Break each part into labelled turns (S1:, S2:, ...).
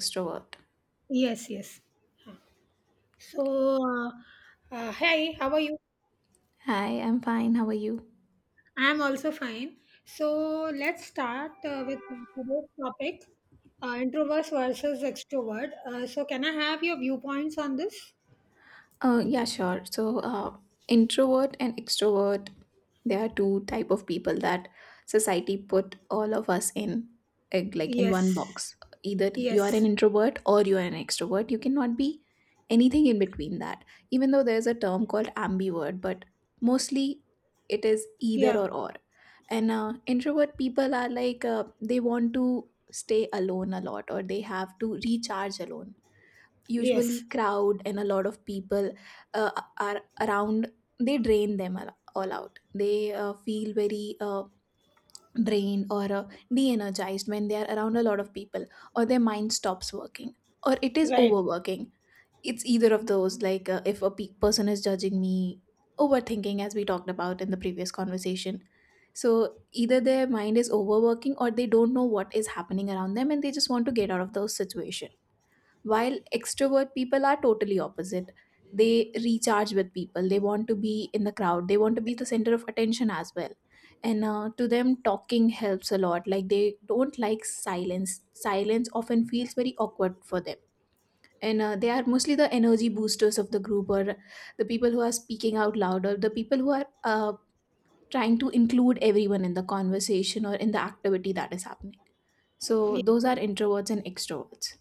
S1: Extrovert?
S2: Yes, yes. So, uh, hey, how are you?
S1: Hi, I'm fine. How are you?
S2: I'm also fine. So, let's start with today's topic, introverts versus extrovert. So, can I have your viewpoints on this?
S1: Yeah, sure. Uh, Introvert and extrovert, there are two type of people that society put all of us in, like in one
S2: Yes,
S1: box. Either you are an
S2: yes,
S1: introvert or you are an extrovert. You cannot be anything in between that. Even though there's a term called ambivert, but mostly it is either
S2: yeah,
S1: or. And Introvert people are like they want to stay alone a lot, or they have to recharge alone,
S2: yes,
S1: usually crowd and a lot of people uh, are around, they drain them all out, they feel very drained or de-energized when they are around a lot of people, or their mind stops working or it is
S2: right.
S1: overworking. It's either of those, like if a pe- person is judging me, overthinking, as we talked about in the previous conversation. So either their mind is overworking, or they don't know what is happening around them and they just want to get out of those situation, while extrovert people are totally opposite. They recharge with people, they want to be in the crowd, they want to be the center of attention as well. And to them, talking helps a lot. Like they don't like silence. Silence often feels very awkward for them. And they are mostly the energy boosters of the group, or the people who are speaking out loud, or the people who are trying to include everyone in the conversation or in the activity that is happening. So those are introverts and extroverts.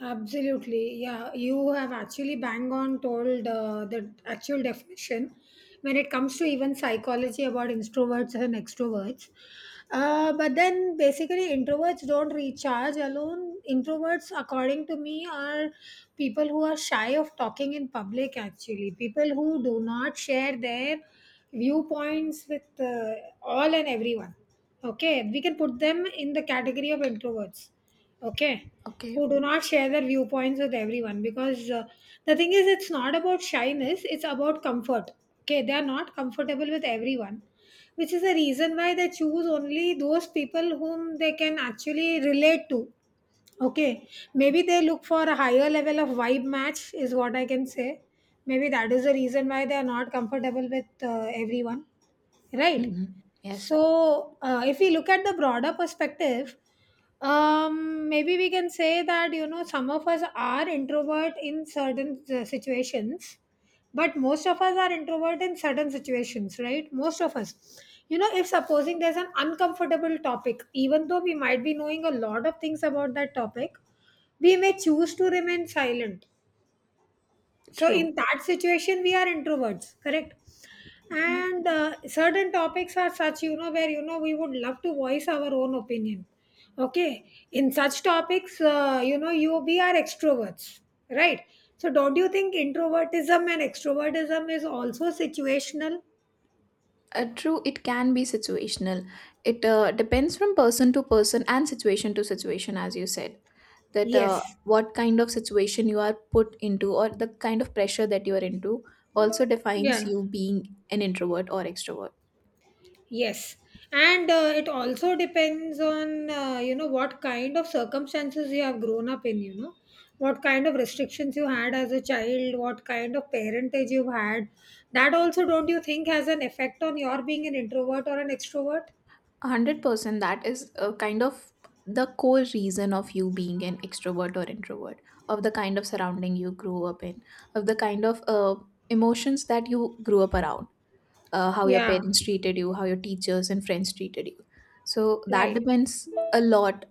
S2: Absolutely. Yeah, you have actually bang on told the actual definition when it comes to even psychology about introverts and extroverts. But then basically, introverts don't recharge alone. Introverts, according to me, are people who are shy of talking in public, actually, people who do not share their viewpoints with all and everyone. Okay, we can put them in the category of introverts. Okay,
S1: Okay.
S2: who do not share their viewpoints with everyone, because the thing is, it's not about shyness, it's about comfort. Okay, they are not comfortable with everyone, which is the reason why they choose only those people whom they can actually relate to. Okay, maybe
S1: Okay.
S2: they look for a higher level of vibe match is what I can say. Maybe that is the reason why they are not comfortable with everyone, right?
S1: Mhm. Yes.
S2: So, if we look at the broader perspective, maybe we can say that, you know, some of us are introvert in certain situations, but most of us are introvert in certain situations, right? Most of us, you know, if supposing there's an uncomfortable topic, even though we might be knowing a lot of things about that topic, we may choose to remain silent. So
S1: True.
S2: in that situation we are introverts, correct?
S1: Mhm.
S2: And certain topics are such, you know, where you know we would love to voice our own opinion. Okay, in such topics, you know, you we are extroverts, right? So don't you think introvertism and extrovertism is also situational?
S1: True, it can be situational. It depends from person to person and situation to situation, as you said, that
S2: Yes,
S1: what kind of situation you are put into or the kind of pressure that you are into also defines
S2: yeah.
S1: you being an introvert or extrovert.
S2: Yes, and it also depends on you know, what kind of circumstances you have grown up in, you know, what kind of restrictions you had as a child, what kind of parentage you've had. That also, don't you think, has an effect on your being an introvert or an extrovert?
S1: 100% that is a kind of the core reason of you being an extrovert or introvert, of the kind of surrounding you grew up in, of the kind of emotions that you grew up around. How your
S2: Yeah,
S1: parents treated you, how your teachers and friends treated you. So that
S2: right.
S1: depends a lot.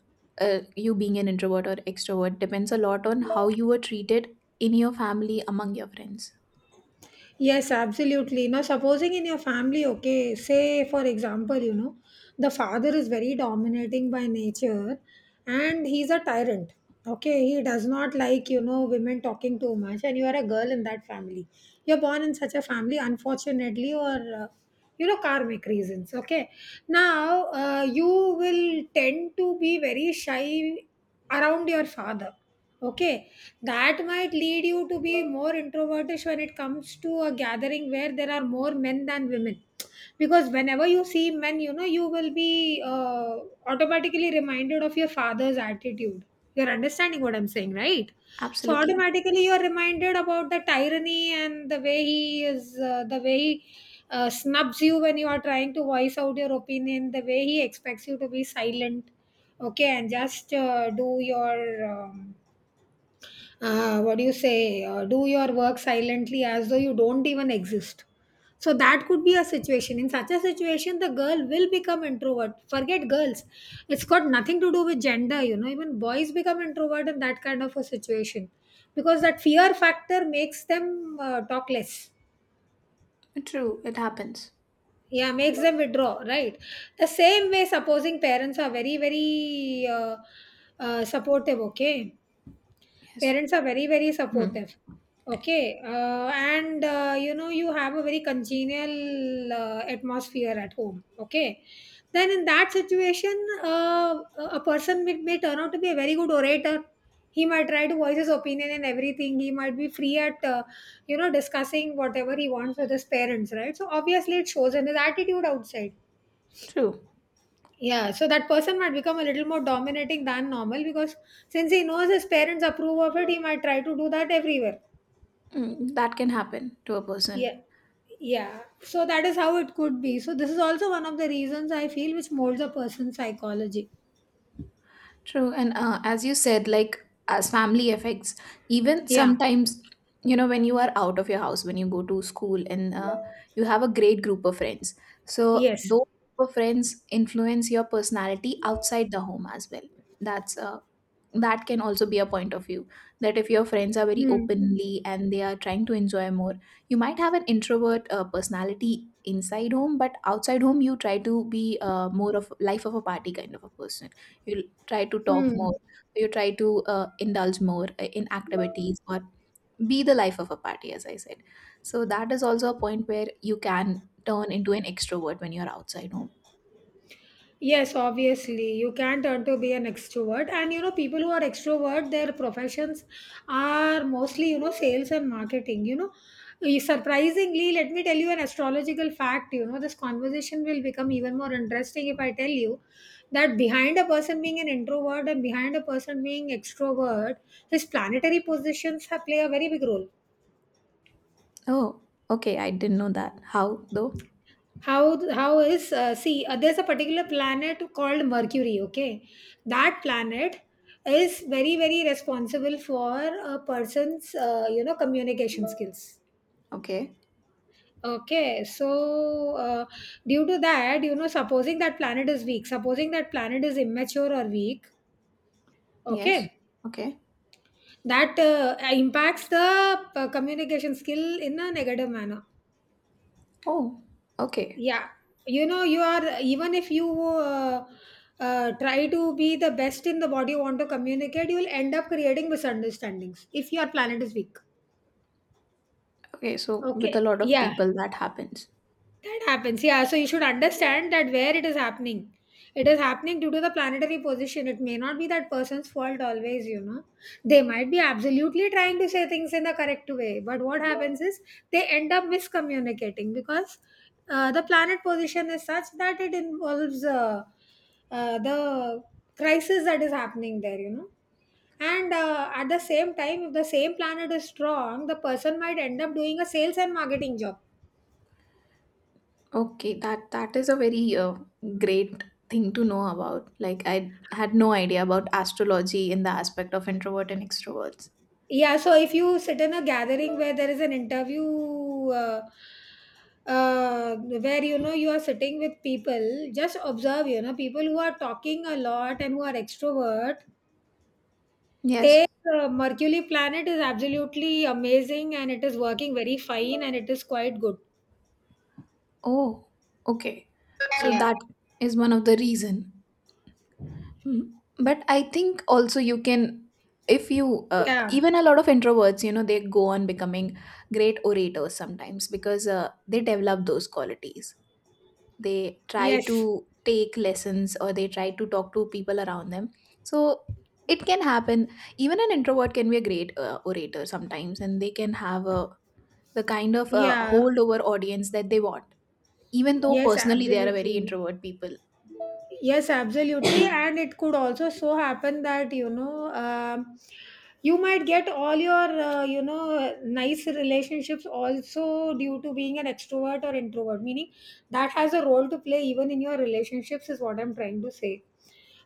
S1: You being an introvert or extrovert depends a lot on how you were treated in your family among your friends.
S2: Yes, absolutely. Now, supposing in your family, okay, say for example, you know, the father is very dominating by nature and he's a tyrant. Okay, he does not like, you know, women talking too much, and you are a girl in that family. You're born in such a family, unfortunately, or you know, karmic reasons. Okay, now you will tend to be very shy around your father. Okay, that might lead you to be more introvertish when it comes to a gathering where there are more men than women, because whenever you see men, you know, you will be automatically reminded of your father's attitude. You're understanding what I'm saying, right? So
S1: Absolutely.
S2: automatically you're reminded about the tyranny and the way he is, the way he snubs you when you are trying to voice out your opinion, the way he expects you to be silent. Okay, and just do your what do you say, do your work silently as though you don't even exist. So that could be a situation. In such a situation, the girl will become introvert. Forget girls. It's got nothing to do with gender, you know. Even boys become introvert in that kind of a situation, because that fear factor makes them talk less.
S1: True. It happens.
S2: Yeah, makes them withdraw, right? The same way, supposing parents are very, very supportive, okay?
S1: Yes.
S2: Parents are very very
S1: Hmm.
S2: supportive, okay. And you know, you have a very congenial atmosphere at home, okay? Then in that situation, uh, a person may turn out to be a very good orator. He might try to voice his opinion and everything. He might be free at, you know, discussing whatever he wants with his parents, right? So obviously it shows in his attitude outside.
S1: True.
S2: Yeah, so that person might become a little more dominating than normal, because since he knows his parents approve of it, he might try to do that everywhere.
S1: Mm, that can happen to a person.
S2: Yeah. Yeah. So that is how it could be. So this is also one of the reasons I feel which molds a person's psychology.
S1: True, and as you said, like as family affects, even
S2: Yeah.
S1: sometimes, you know, when you are out of your house, when you go to school, and you have a great group of friends. So
S2: Yes.
S1: those group of friends influence your personality outside the home as well. That's that can also be a point of view, that if your friends are very
S2: Hmm.
S1: openly and they are trying to enjoy more, you might have an introvert personality inside home, but outside home you try to be more of life of a party kind of a person. You try to talk
S2: Hmm.
S1: more, you try to indulge more in activities or be the life of a party, as I said. So that is also a point where you can turn into an extrovert when you're outside home.
S2: Yes, obviously, you can't turn to be an extrovert. And you know, people who are extrovert, their professions are mostly, you know, sales and marketing. You know, eh, surprisingly, let me tell you an astrological fact. You know, this conversation will become even more interesting if I tell you that behind a person being an introvert and behind a person being extrovert, his planetary positions have play a very big role.
S1: Oh, okay, I didn't know that. How though?
S2: How is, see, there's a particular planet called Mercury, okay? That planet is very very responsible for a person's, you know, communication skills.
S1: Okay.
S2: Okay, so uh, due to that, you know, supposing that planet is weak, supposing that planet is immature or weak,
S1: Yes.
S2: okay,
S1: Okay.
S2: that impacts the communication skill in a negative manner.
S1: Oh, okay.
S2: Yeah, you know, you are, even if you try to be the best in the what you want to communicate, you will end up creating misunderstandings if your planet is weak.
S1: Okay, so with
S2: Okay.
S1: a lot of
S2: Yeah.
S1: people that happens.
S2: That happens. Yeah. So you should understand that where it is happening. It is happening due to the planetary position. It may not be that person's fault always, you know. They might be absolutely trying to say things in the correct way, but what happens is they end up miscommunicating, because the planet position is such that it involves, the crisis that is happening there, you know. And at the same time, if the same planet is strong, the person might end up doing a sales and marketing job.
S1: Okay, that is a very great thing to know about. Like I had no idea about astrology in the aspect of introvert and extroverts.
S2: Yeah, so if you sit in a gathering where there is an interview, where you know you are sitting with people, just observe, you know, people who are talking a lot and who are extrovert,
S1: Yes.
S2: their Mercury planet is absolutely amazing and it is working very fine and it is quite good.
S1: Oh, okay. So
S2: Yeah,
S1: that is one of the reason. Mm, but I think also you can, if you
S2: yeah,
S1: even a lot of introverts, you know, they go on becoming great orators sometimes because they develop those qualities, they try
S2: yes,
S1: to take lessons or they try to talk to people around them. So it can happen, even an introvert can be a great orator sometimes, and they can have a, the kind of
S2: yeah,
S1: holdover audience that they want, even though
S2: yes,
S1: personally they are a very
S2: absolutely.
S1: introvert people.
S2: Yes, absolutely. And it could also so happen that, you know, you might get all your, you know, nice relationships also due to being an extrovert or introvert, meaning that has a role to play even in your relationships, is what I'm trying to say.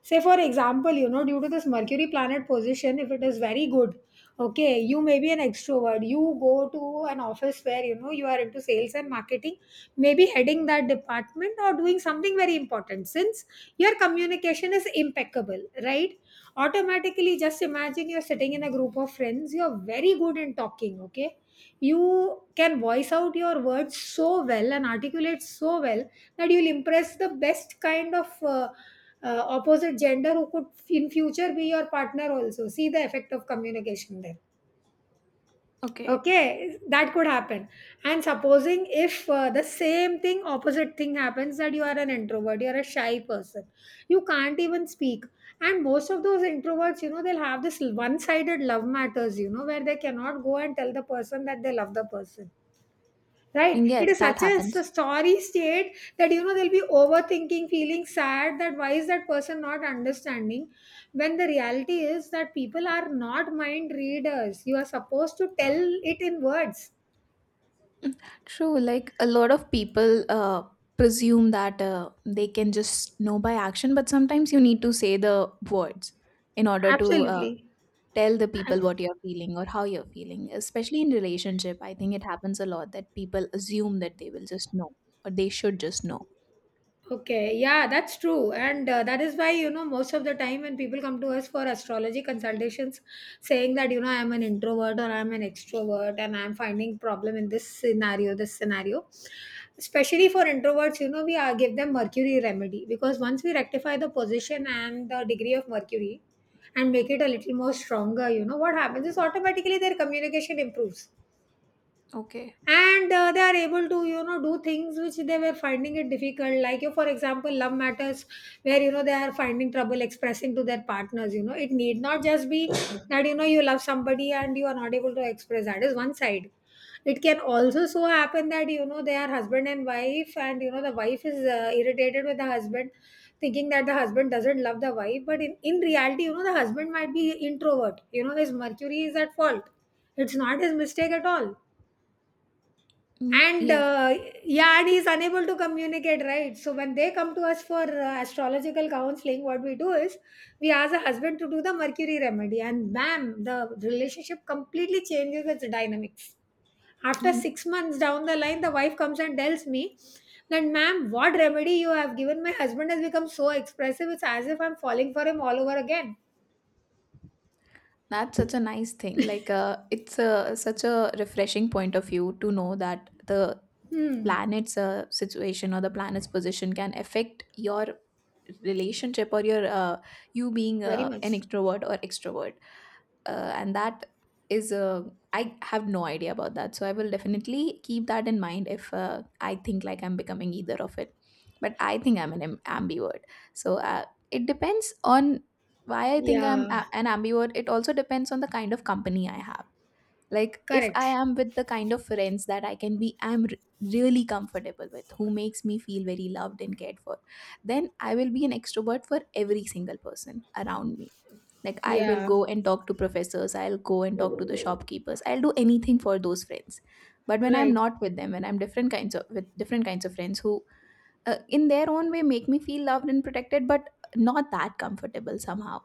S2: Say, for example, you know, due to this Mercury planet position, if it is very good, okay, you may be an extrovert. You go to an office where, you know, you are into sales and marketing, maybe heading that department or doing something very important. Since your communication is impeccable, right, automatically, just imagine you're sitting in a group of friends, you're very good in talking, okay, you can voice out your words so well and articulate so well that you'll impress the best kind of opposite gender who could in future be your partner. Also see the effect of communication there.
S1: Okay.
S2: Okay, that could happen. And supposing if the same thing opposite thing happens, that you are an introvert, you're a shy person, you can't even speak. And most of those introverts, you know, they'll have this one sided love matters, you know, where they cannot go and tell the person that they love the person. Right? It
S1: Yes,
S2: is
S1: that
S2: such a, a
S1: happens.
S2: story state that you know they'll be overthinking, feeling sad that why is that person not understanding? When the reality is that people are not mind readers. You are supposed to tell it in words.
S1: True, like a lot of people presume that they can just know by action, but sometimes you need to say the words in order to
S2: Absolutely.
S1: tell the people what you're feeling or how you're feeling, especially in relationship. I think it happens a lot that people assume that they will just know or they should just know.
S2: Okay, yeah, that's true. And that is why, you know, most of the time when people come to us for astrology consultations, saying that, you know, I'm an introvert or I'm an extrovert and I'm finding problem in this scenario, this scenario. Especially for introverts, you know, we give them Mercury remedy, because once we rectify the position and the degree of Mercury and make it a little more stronger, you know, what happens is automatically their communication improves.
S1: Okay.
S2: And they are able to, you know, do things which they were finding it difficult, like you for example love matters, where you know they are finding trouble expressing to their partners. You know, it need not just be that, you know, you love somebody and you are not able to express, that is one side. It can also so happen that, you know, they are husband and wife and you know the wife is irritated with the husband, thinking that the husband doesn't love the wife, but in reality, you know, the husband might be introvert, you know his Mercury is at fault, it's not his mistake at all.
S1: Me.
S2: and
S1: Yes.
S2: uh, yeah, and he's unable to communicate, right? So when they come to us for astrological counseling, what we do is we ask the husband to do the Mercury remedy, and bam, the relationship completely changes its dynamics. After six
S1: Mm,
S2: months down the line, the wife comes and tells me that, ma'am, what remedy you have given my husband has become so expressive. It's as if I'm falling for him all over again.
S1: that's such a nice thing, like it's a such a refreshing point of view to know that the
S2: Hmm,
S1: planet's situation or the planet's position can affect your relationship or your you being
S2: very
S1: an
S2: much.
S1: introvert or extrovert. And that is I have no idea about that, so I will definitely keep that in mind if I think like I'm becoming either of it. But I think I'm ambivert. so uh, it depends on, why I think I'm
S2: Yeah,
S1: an ambivert, it also depends on the kind of company I have. Like if I
S2: correct.
S1: am with the kind of friends that I can be I'm r- really comfortable with, who makes me feel very loved and cared for, then I will be an extrovert for every single person around me. Like I will
S2: Yeah,
S1: go and talk to professors, I'll go and talk to the shopkeepers, I'll do anything for those friends. But when I'm
S2: right,
S1: not with them, when I'm different kinds of with different kinds of friends who in their own way make me feel loved and protected, but not that comfortable somehow,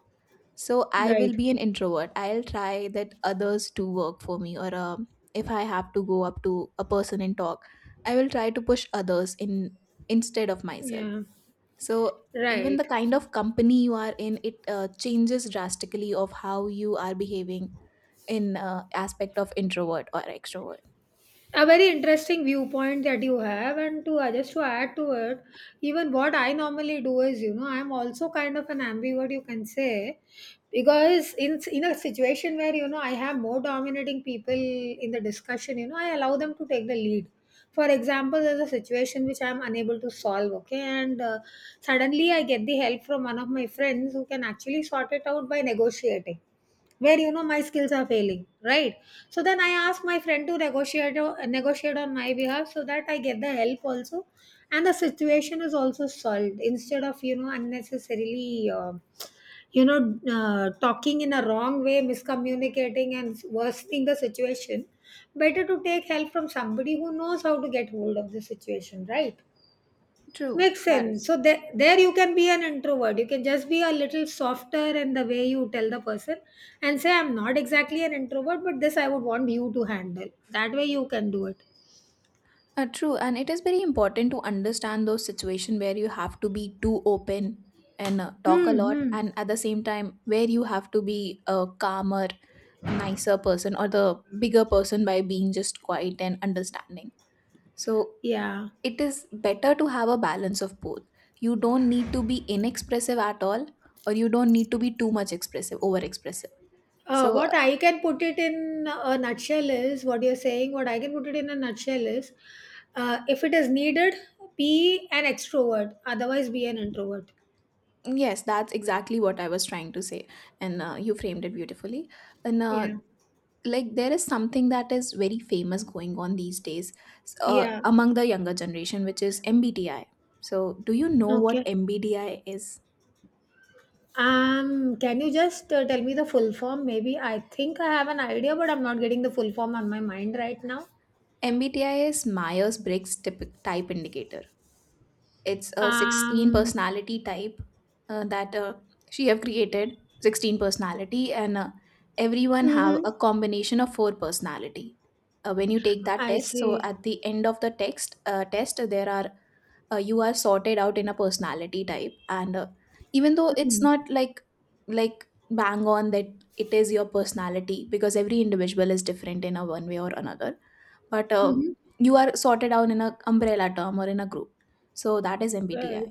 S1: so I will
S2: right.
S1: be an introvert. I'll try that others to work for me, or if I have to go up to a person and talk, I will try to push others in instead of myself.
S2: Yeah.
S1: So even the
S2: Right.
S1: kind of company you are in, it changes drastically of how you are behaving in aspect of introvert or extrovert.
S2: A very interesting viewpoint that you have, and to just to add to it, even what I normally do is, you know, I'm also kind of an ambivert, you can say, because in a situation where you know I have more dominating people in the discussion, you know, I allow them to take the lead. For example, there's a situation which I'm unable to solve, okay, and suddenly I get the help from one of my friends who can actually sort it out by negotiating where you know my skills are failing, right. So then I ask my friend to negotiate on my behalf so that I get the help also, and the situation is also solved instead of unnecessarily talking in a wrong way, miscommunicating and worsening the situation. Better to take help from somebody who knows how to get hold of the situation, right.
S1: True.
S2: Makes
S1: That
S2: sense.
S1: is
S2: So there you can be an introvert. You can just be a little softer in the way you tell the person and say, I'm not exactly an introvert, but this I would want you to handle. That way you can do it.
S1: true, and it is very important to understand those situation where you have to be too open and talk a lot,
S2: Mm-hmm.
S1: and at the same time where you have to be a calmer, a nicer person or the bigger person by being just quiet and understanding. So
S2: Yeah.
S1: it is better to have a balance of both. You don't need to be inexpressive at all, or you don't need to be too much expressive, over expressive. So,
S2: What
S1: uh,
S2: I can put it in a nutshell is what you're saying, what I can put it in a nutshell is if it is needed, be an extrovert. Otherwise, be an introvert.
S1: yes, that's exactly what I was trying to say. And you framed it beautifully. And
S2: Yeah.
S1: like, there is something that is very famous going on these days
S2: Yeah.
S1: among the younger generation, which is MBTI. So, do you know what
S2: Okay.
S1: MBTI is?
S2: Can you just tell me the full form? Maybe I think I have an idea, but I'm not getting the full form on my mind right now.
S1: MBTI is Myers Briggs type indicator. It's a 16
S2: Um,
S1: personality type that she have created 16 personality, and everyone have
S2: Mm-hmm.
S1: a combination of four personality when you take that
S2: I
S1: test. So
S2: see.
S1: at the end of the text test, there are you are sorted out in a personality type. And even though it's
S2: Hmm.
S1: not like like bang on that it is your personality, because every individual is different in a one way or another, but
S2: Mhm.
S1: you are sorted out in a umbrella term or in a group. So that is MBTI.
S2: Right.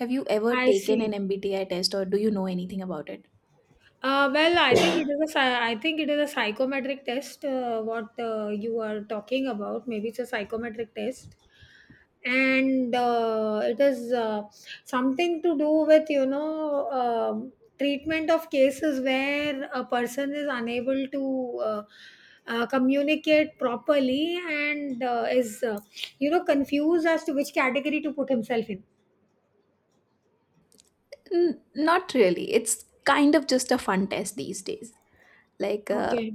S1: Have you ever
S2: I
S1: taken an
S2: see.
S1: MBTI test, or do you know anything about it?
S2: Well, I think it is a psychometric test. What you are talking about, maybe it's a psychometric test. And it is something to do with treatment of cases where a person is unable to communicate properly and is confused as to which category to put himself in.
S1: Not really, it's kind of just a fun test these days. like uh,
S2: Okay.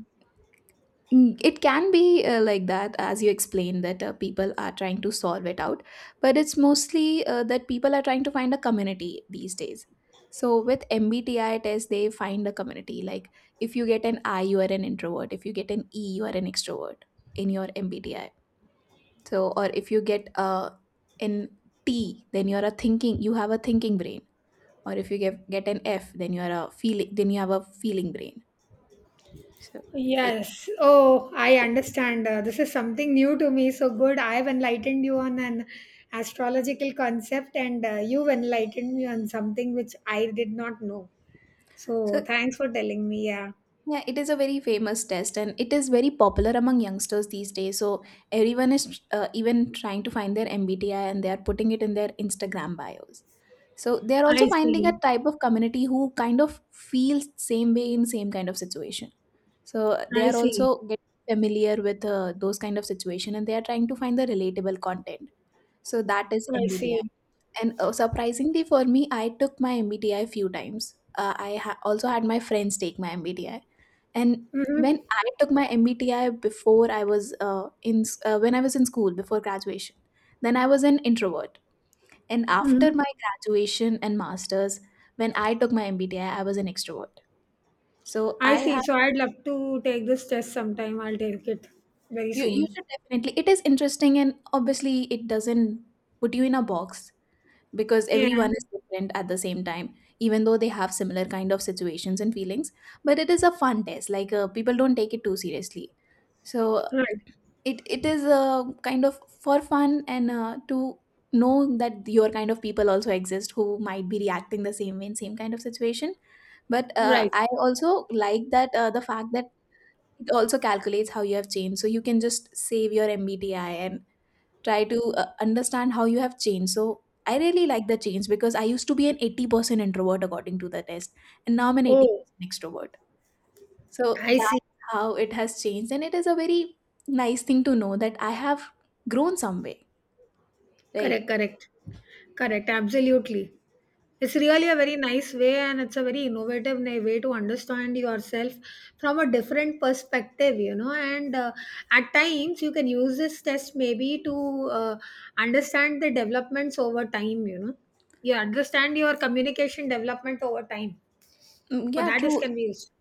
S1: Mm, it can be like that, as you explained, that people are trying to solve it out. But it's mostly that people are trying to find a community these days. So with MBTI test, they find a community. Like if you get an I, you are an introvert. If you get an E, you are an extrovert in your MBTI. So, or if you get an T, then you are a thinking. You have a thinking brain. Or if you get an F, then you are a feeling. Then you have a feeling brain. So, I,
S2: Yes. Oh, I
S1: so
S2: understand. This is something new to me. So good. I've enlightened you on an astrological concept, and you've enlightened me on something which I did not know. So
S1: so
S2: thanks for telling me. Yeah.
S1: yeah, it is a very famous test, and it is very popular among youngsters these days. So everyone is even trying to find their MBTI, and they are putting it in their Instagram bios. So they are also
S2: I
S1: finding a
S2: see.
S1: type of community who kind of feels same way in same kind of situation. So they
S2: I
S1: are
S2: see.
S1: also getting familiar with those kind of situation, and they are trying to find the relatable content. So that is
S2: I
S1: MBTI.
S2: see.
S1: And surprisingly for me, I took my MBTI few times. Also had my friends take my MBTI. And
S2: Mm-hmm.
S1: when I took my MBTI before I was when I was in school before graduation, then I was an introvert. And after
S2: Hmm.
S1: my graduation and masters, when I took my MBTI, I was an extrovert. So
S2: I
S1: I
S2: see.
S1: have
S2: So I'd love to take this test sometime. I'll take it very
S1: you
S2: soon.
S1: should definitely, it is interesting, and obviously it doesn't put you in a box because
S2: Yeah.
S1: everyone is different at the same time, even though they have similar kind of situations and feelings. But it is a fun test, like people don't take it too seriously. So
S2: Right.
S1: it is a kind of for fun, and to know that your kind of people also exist, who might be reacting the same way in same kind of situation. But
S2: Right.
S1: I also like that the fact that it also calculates how you have changed, so you can just save your mbti and try to understand how you have changed. So I really like the change, because I used to be an 80% introvert according to the test, and now I'm an
S2: Oh,
S1: 80% extrovert. So
S2: I see.
S1: that's how it has changed, and it is a very nice thing to know that I have grown some way, right?
S2: Correct, correct. Correct, absolutely. It's really a very nice way and it's a very innovative way to understand yourself from a different perspective. And at times, you can use this test maybe to understand the developments over time, you know. You understand your communication development over time.
S1: Mm,
S2: For
S1: yeah,
S2: that, this
S1: true.
S2: can be used.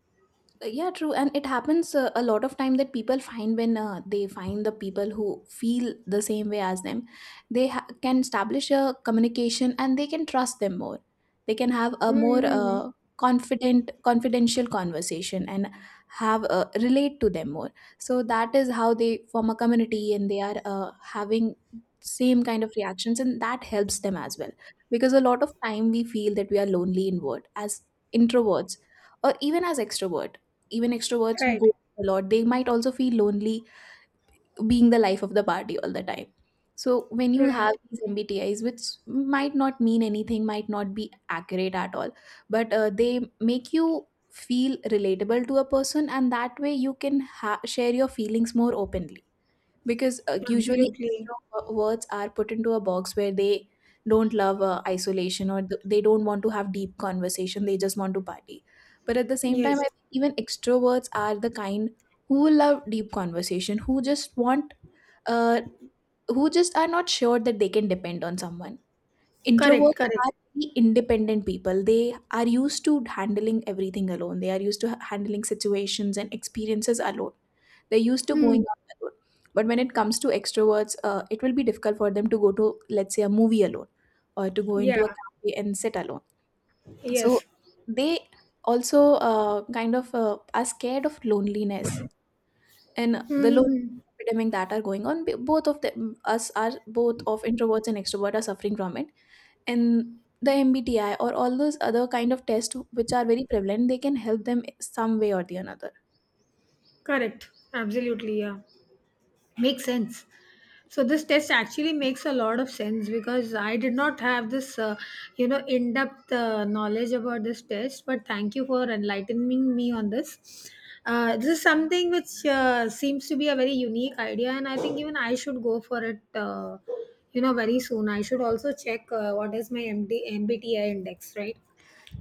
S1: Yeah true, and it happens a lot of time that people find when they find the people who feel the same way as them, they can establish a communication and they can trust them more. They can have a more
S2: Mm-hmm.
S1: confident confidential conversation, and have relate to them more. So that is how they form a community, and they are having same kind of reactions, and that helps them as well, because a lot of time we feel that we are lonely inward as introverts, or even as extrovert. Even extroverts who
S2: Right,
S1: go a lot, they might also feel lonely, being the life of the party all the time. So when you have
S2: right.
S1: these mbtis, which might not mean anything, might not be accurate at all, but they make you feel relatable to a person, and that way you can share your feelings more openly. Because usually
S2: Absolutely.
S1: extroverts are put into a box where they don't love isolation, or they don't want to have deep conversation, they just want to party. But at the same time,
S2: Yes.
S1: I think even extroverts are the kind who love deep conversation, who just want uh, who just are not sure that they can depend on someone.
S2: Correct,
S1: Introverts
S2: correct.
S1: are very independent people. They are used to handling everything alone. They are used to handling situations and experiences alone. They're used to going
S2: Hmm.
S1: out alone. But when it comes to extroverts, it will be difficult for them to go to, let's say, a movie alone, or to go
S2: Yeah,
S1: into a cafe and sit alone. So
S2: yes.
S1: they also kind of are scared of loneliness, and the loneliness
S2: Hmm.
S1: epidemic that are going on. Both of them, us are both of introverts and extroverts are suffering from it. And the mbti, or all those other kind of tests which are very prevalent, they can help them some way or the another.
S2: Correct. Absolutely. Yeah. Makes sense. So this test actually makes a lot of sense because I did not have this in-depth knowledge about this test. But thank you for enlightening me on this. This is something which seems to be a very unique idea, and I think even I should go for it. Very soon. I should also check what is my MD MBTI index, right?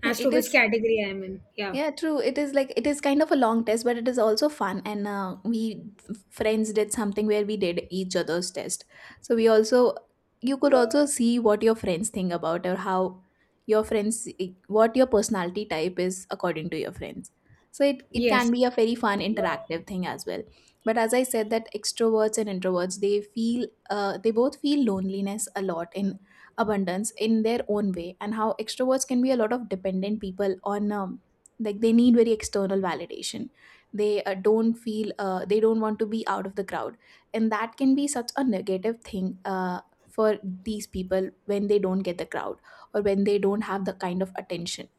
S1: yeah
S2: As to
S1: it
S2: which
S1: is
S2: category I am in. Yeah.
S1: Yeah, true. It is like, it is kind of a long test, but it is also fun. And we friends did something where we did each other's test. So we also, you could also see what your friends think about, or how your friends what your personality type is according to your friends. So it can
S2: Yes.
S1: be a very fun interactive thing as well. But as I said, that extroverts and introverts, they feel they both feel loneliness a lot in abundance in their own way. And how extroverts can be a lot of dependent people on like they need very external validation. They don't feel they don't want to be out of the crowd, and that can be such a negative thing for these people, when they don't get the crowd, or when they don't have the kind of attention.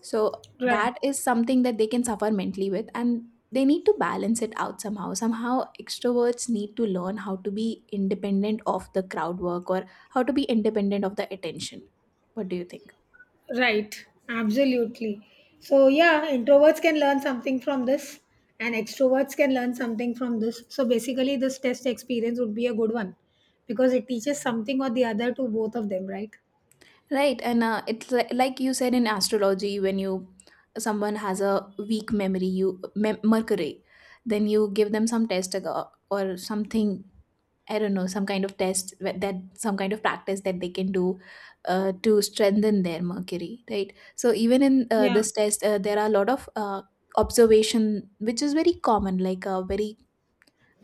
S1: So
S2: Right.
S1: that is something that they can suffer mentally with. And they need to balance it out somehow. Somehow extroverts need to learn how to be independent of the crowd work, or how to be independent of the attention. What do you think?
S2: Right, absolutely. So, yeah, introverts can learn something from this, and extroverts can learn something from this. So, basically, this test experience would be a good one because it teaches something or the other to both of them, right?
S1: Right, and it's like you said, in astrology, when you, someone has a weak memory, you Mercury, then you give them some test or something. I don't know, some kind of test that some kind of practice that they can do to strengthen their Mercury, right? So even in
S2: Yeah.
S1: this test, there are a lot of observation, which is very common, like very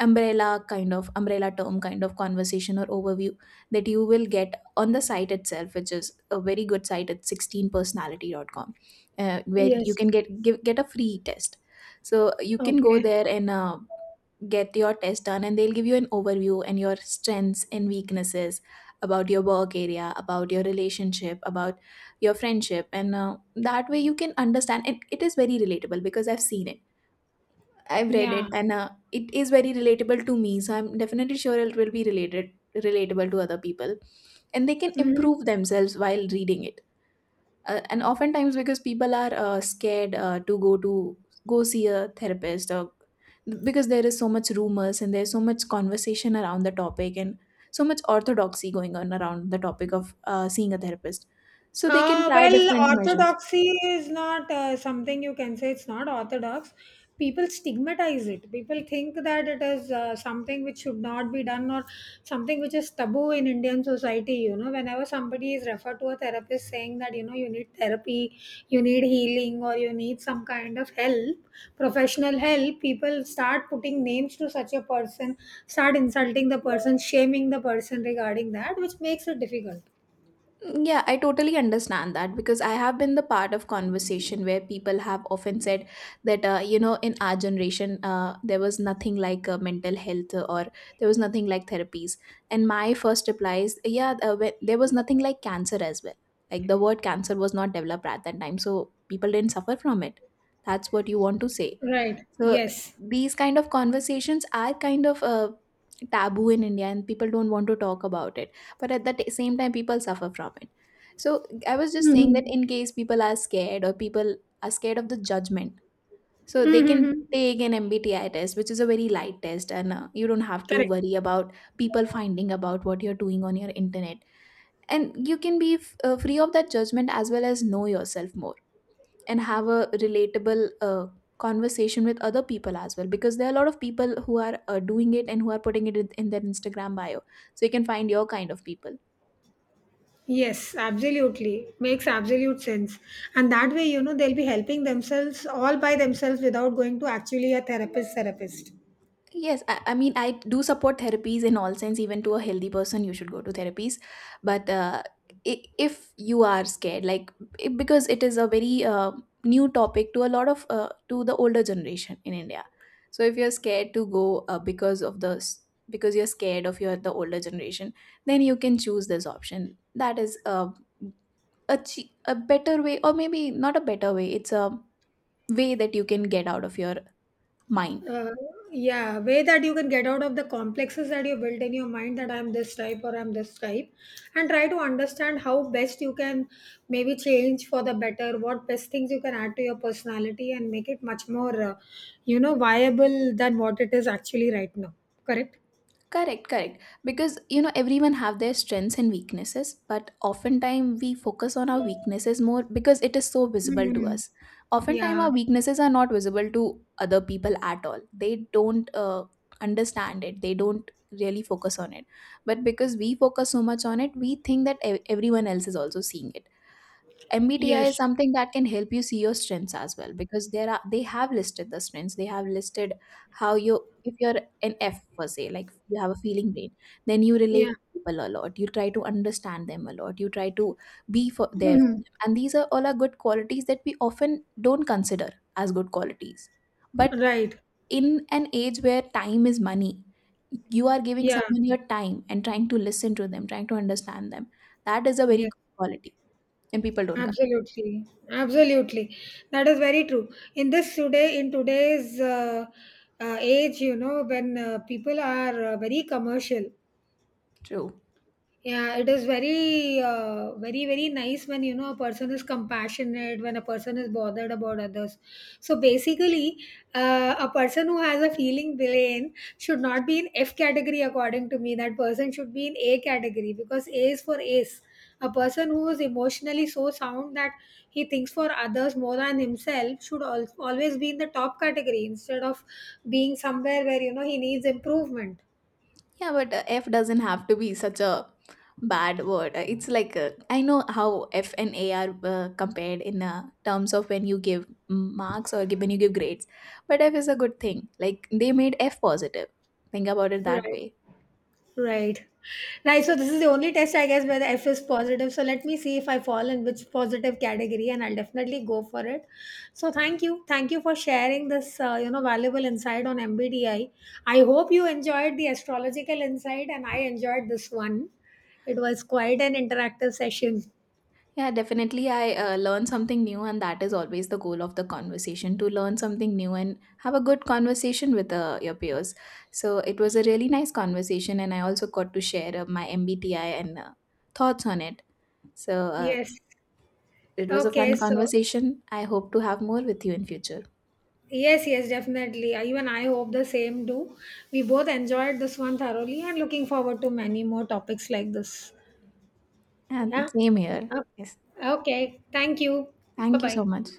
S1: umbrella term kind of conversation or overview that you will get on the site itself, which is a very good site at 16personality.com personality.com, where you
S2: Yes.
S1: can get a free test. So you can go
S2: Okay.
S1: there, and get your test done, and they'll give you an overview and your strengths and weaknesses, about your work area, about your relationship, about your friendship. And that way you can understand, and it is very relatable, because I've seen it, I've read
S2: Yeah.
S1: it, and it is very relatable to me. So I'm definitely sure it will be related relatable to other people, and they can
S2: Mm-hmm.
S1: improve themselves while reading it. And oftentimes, because people are scared to go to, go see a therapist, or because there is so much rumors, and there's so much conversation around the topic, and so much orthodoxy going on around the topic of seeing a therapist. So they can try
S2: Well,
S1: different measures.
S2: orthodoxy is not something you can say it's not orthodox. People stigmatize it. People think that it is something which should not be done or something which is taboo in Indian society. You know, whenever somebody is referred to a therapist saying that you need therapy, you need healing, or you need some kind of help, professional help, people start putting names to such a person, start insulting the person, shaming the person regarding that, which makes it difficult.
S1: Yeah, I totally understand that, because I have been the part of conversation where people have often said that you know, in our generation there was nothing like mental health or there was nothing like therapies. And my first reply is, yeah, there was nothing like cancer as well. Like the word cancer was not developed at that time, so people didn't suffer from it. That's what you want to say.
S2: Right.
S1: So
S2: Yes.
S1: these kind of conversations are kind of taboo in India, and people don't want to talk about it. But at the same time, people suffer from it. So I was just saying that
S2: Mhm.
S1: in case people are scared, or people are scared of the judgment, so they
S2: Mhm.
S1: can take an MBTI test, which is a very light test. And you don't have to
S2: Correct.
S1: worry about people finding about what you're doing on your internet, and you can be free of that judgment, as well as know yourself more, and have a relatable conversation with other people as well, because there are a lot of people who are doing it, and who are putting it in their instagram bio, so you can find your kind of people.
S2: Yes, absolutely. Makes absolute sense. And that way they'll be helping themselves all by themselves without going to actually a therapist therapist.
S1: Yes, I mean, I do support therapies in all sense. Even to a healthy person, you should go to therapies. But if you are scared, like it, because it is a very new topic to a lot of to the older generation in India. So if you're scared to go because of the because you're scared of your the older generation, then you can choose this option. That is a a better way, or maybe not a better way. It's a way that you can get out of your mind.
S2: Uh, yeah, way that you can get out of the complexes that you built in your mind that I'm this type or I'm this type and try to understand how best you can maybe change for the better, what best things you can add to your personality and make it much more, viable than what it is actually right now. Correct?
S1: Correct, correct, because you know, everyone have their strengths and weaknesses, but oftentimes we focus on our weaknesses more because it is so visible to
S2: Hmm.
S1: us. Oftentimes our
S2: Yeah.
S1: weaknesses are not visible to other people at all. They don't understand it, they don't really focus on it. But because we focus so much on it, we think that everyone else is also seeing it. MBTI is
S2: Yes.
S1: something that can help you see your strengths as well, because there are, they have listed the strengths. They have listed how you, if you're an F per se, like you have a feeling brain, then you relate
S2: Yeah.
S1: to people a lot. You try to understand them a lot. You try to be for there for
S2: Mhm.
S1: them. And these are all are good qualities that we often don't consider as good qualities. But
S2: Right.
S1: in an age where time is money, you are giving
S2: Yeah.
S1: someone your time and trying to listen to them, trying to understand them. That is a very
S2: Yeah.
S1: good quality. And people don't come.
S2: Absolutely. Absolutely. That is very true. In in today's age, you know, when people are very commercial.
S1: True.
S2: Yeah, it is very, very, very nice when you know a person is compassionate, when a person is bothered about others. So basically, a person who has a feeling brain should not be in F category, according to me. That person should be in A category because A is for ace. A person who is emotionally so sound that he thinks for others more than himself should always be in the top category instead of being somewhere where you know he needs improvement.
S1: Yeah, but F doesn't have to be such a bad word. It's like I know how F and A are compared in terms of when you give marks, or when you give grades. But F is a good thing. Like they made F positive. Think about it that
S2: Right.
S1: way.
S2: Right. Right. So this is the only test I guess where the F is positive. So let me see if I fall in which positive category and I'll definitely go for it. So thank you. Thank you for sharing this valuable insight on MBDI. I hope you enjoyed the astrological insight and I enjoyed this one. It was quite an interactive session.
S1: Yeah, definitely. I learned something new, and that is always the goal of the conversation, to learn something new and have a good conversation with your peers. So it was a really nice conversation, and I also got to share my MBTI and thoughts on it. So, uh,
S2: Yes.
S1: it was a
S2: Okay,
S1: fun
S2: so
S1: conversation. I hope to have more with you in future.
S2: yes, yes, definitely. You and I hope the same do. We both enjoyed this one thoroughly and looking forward to many more topics like this. Yeah.
S1: And same here.
S2: Uh,
S1: Yes.
S2: Okay. Thank you. Bye
S1: Thank you
S2: bye.
S1: so much.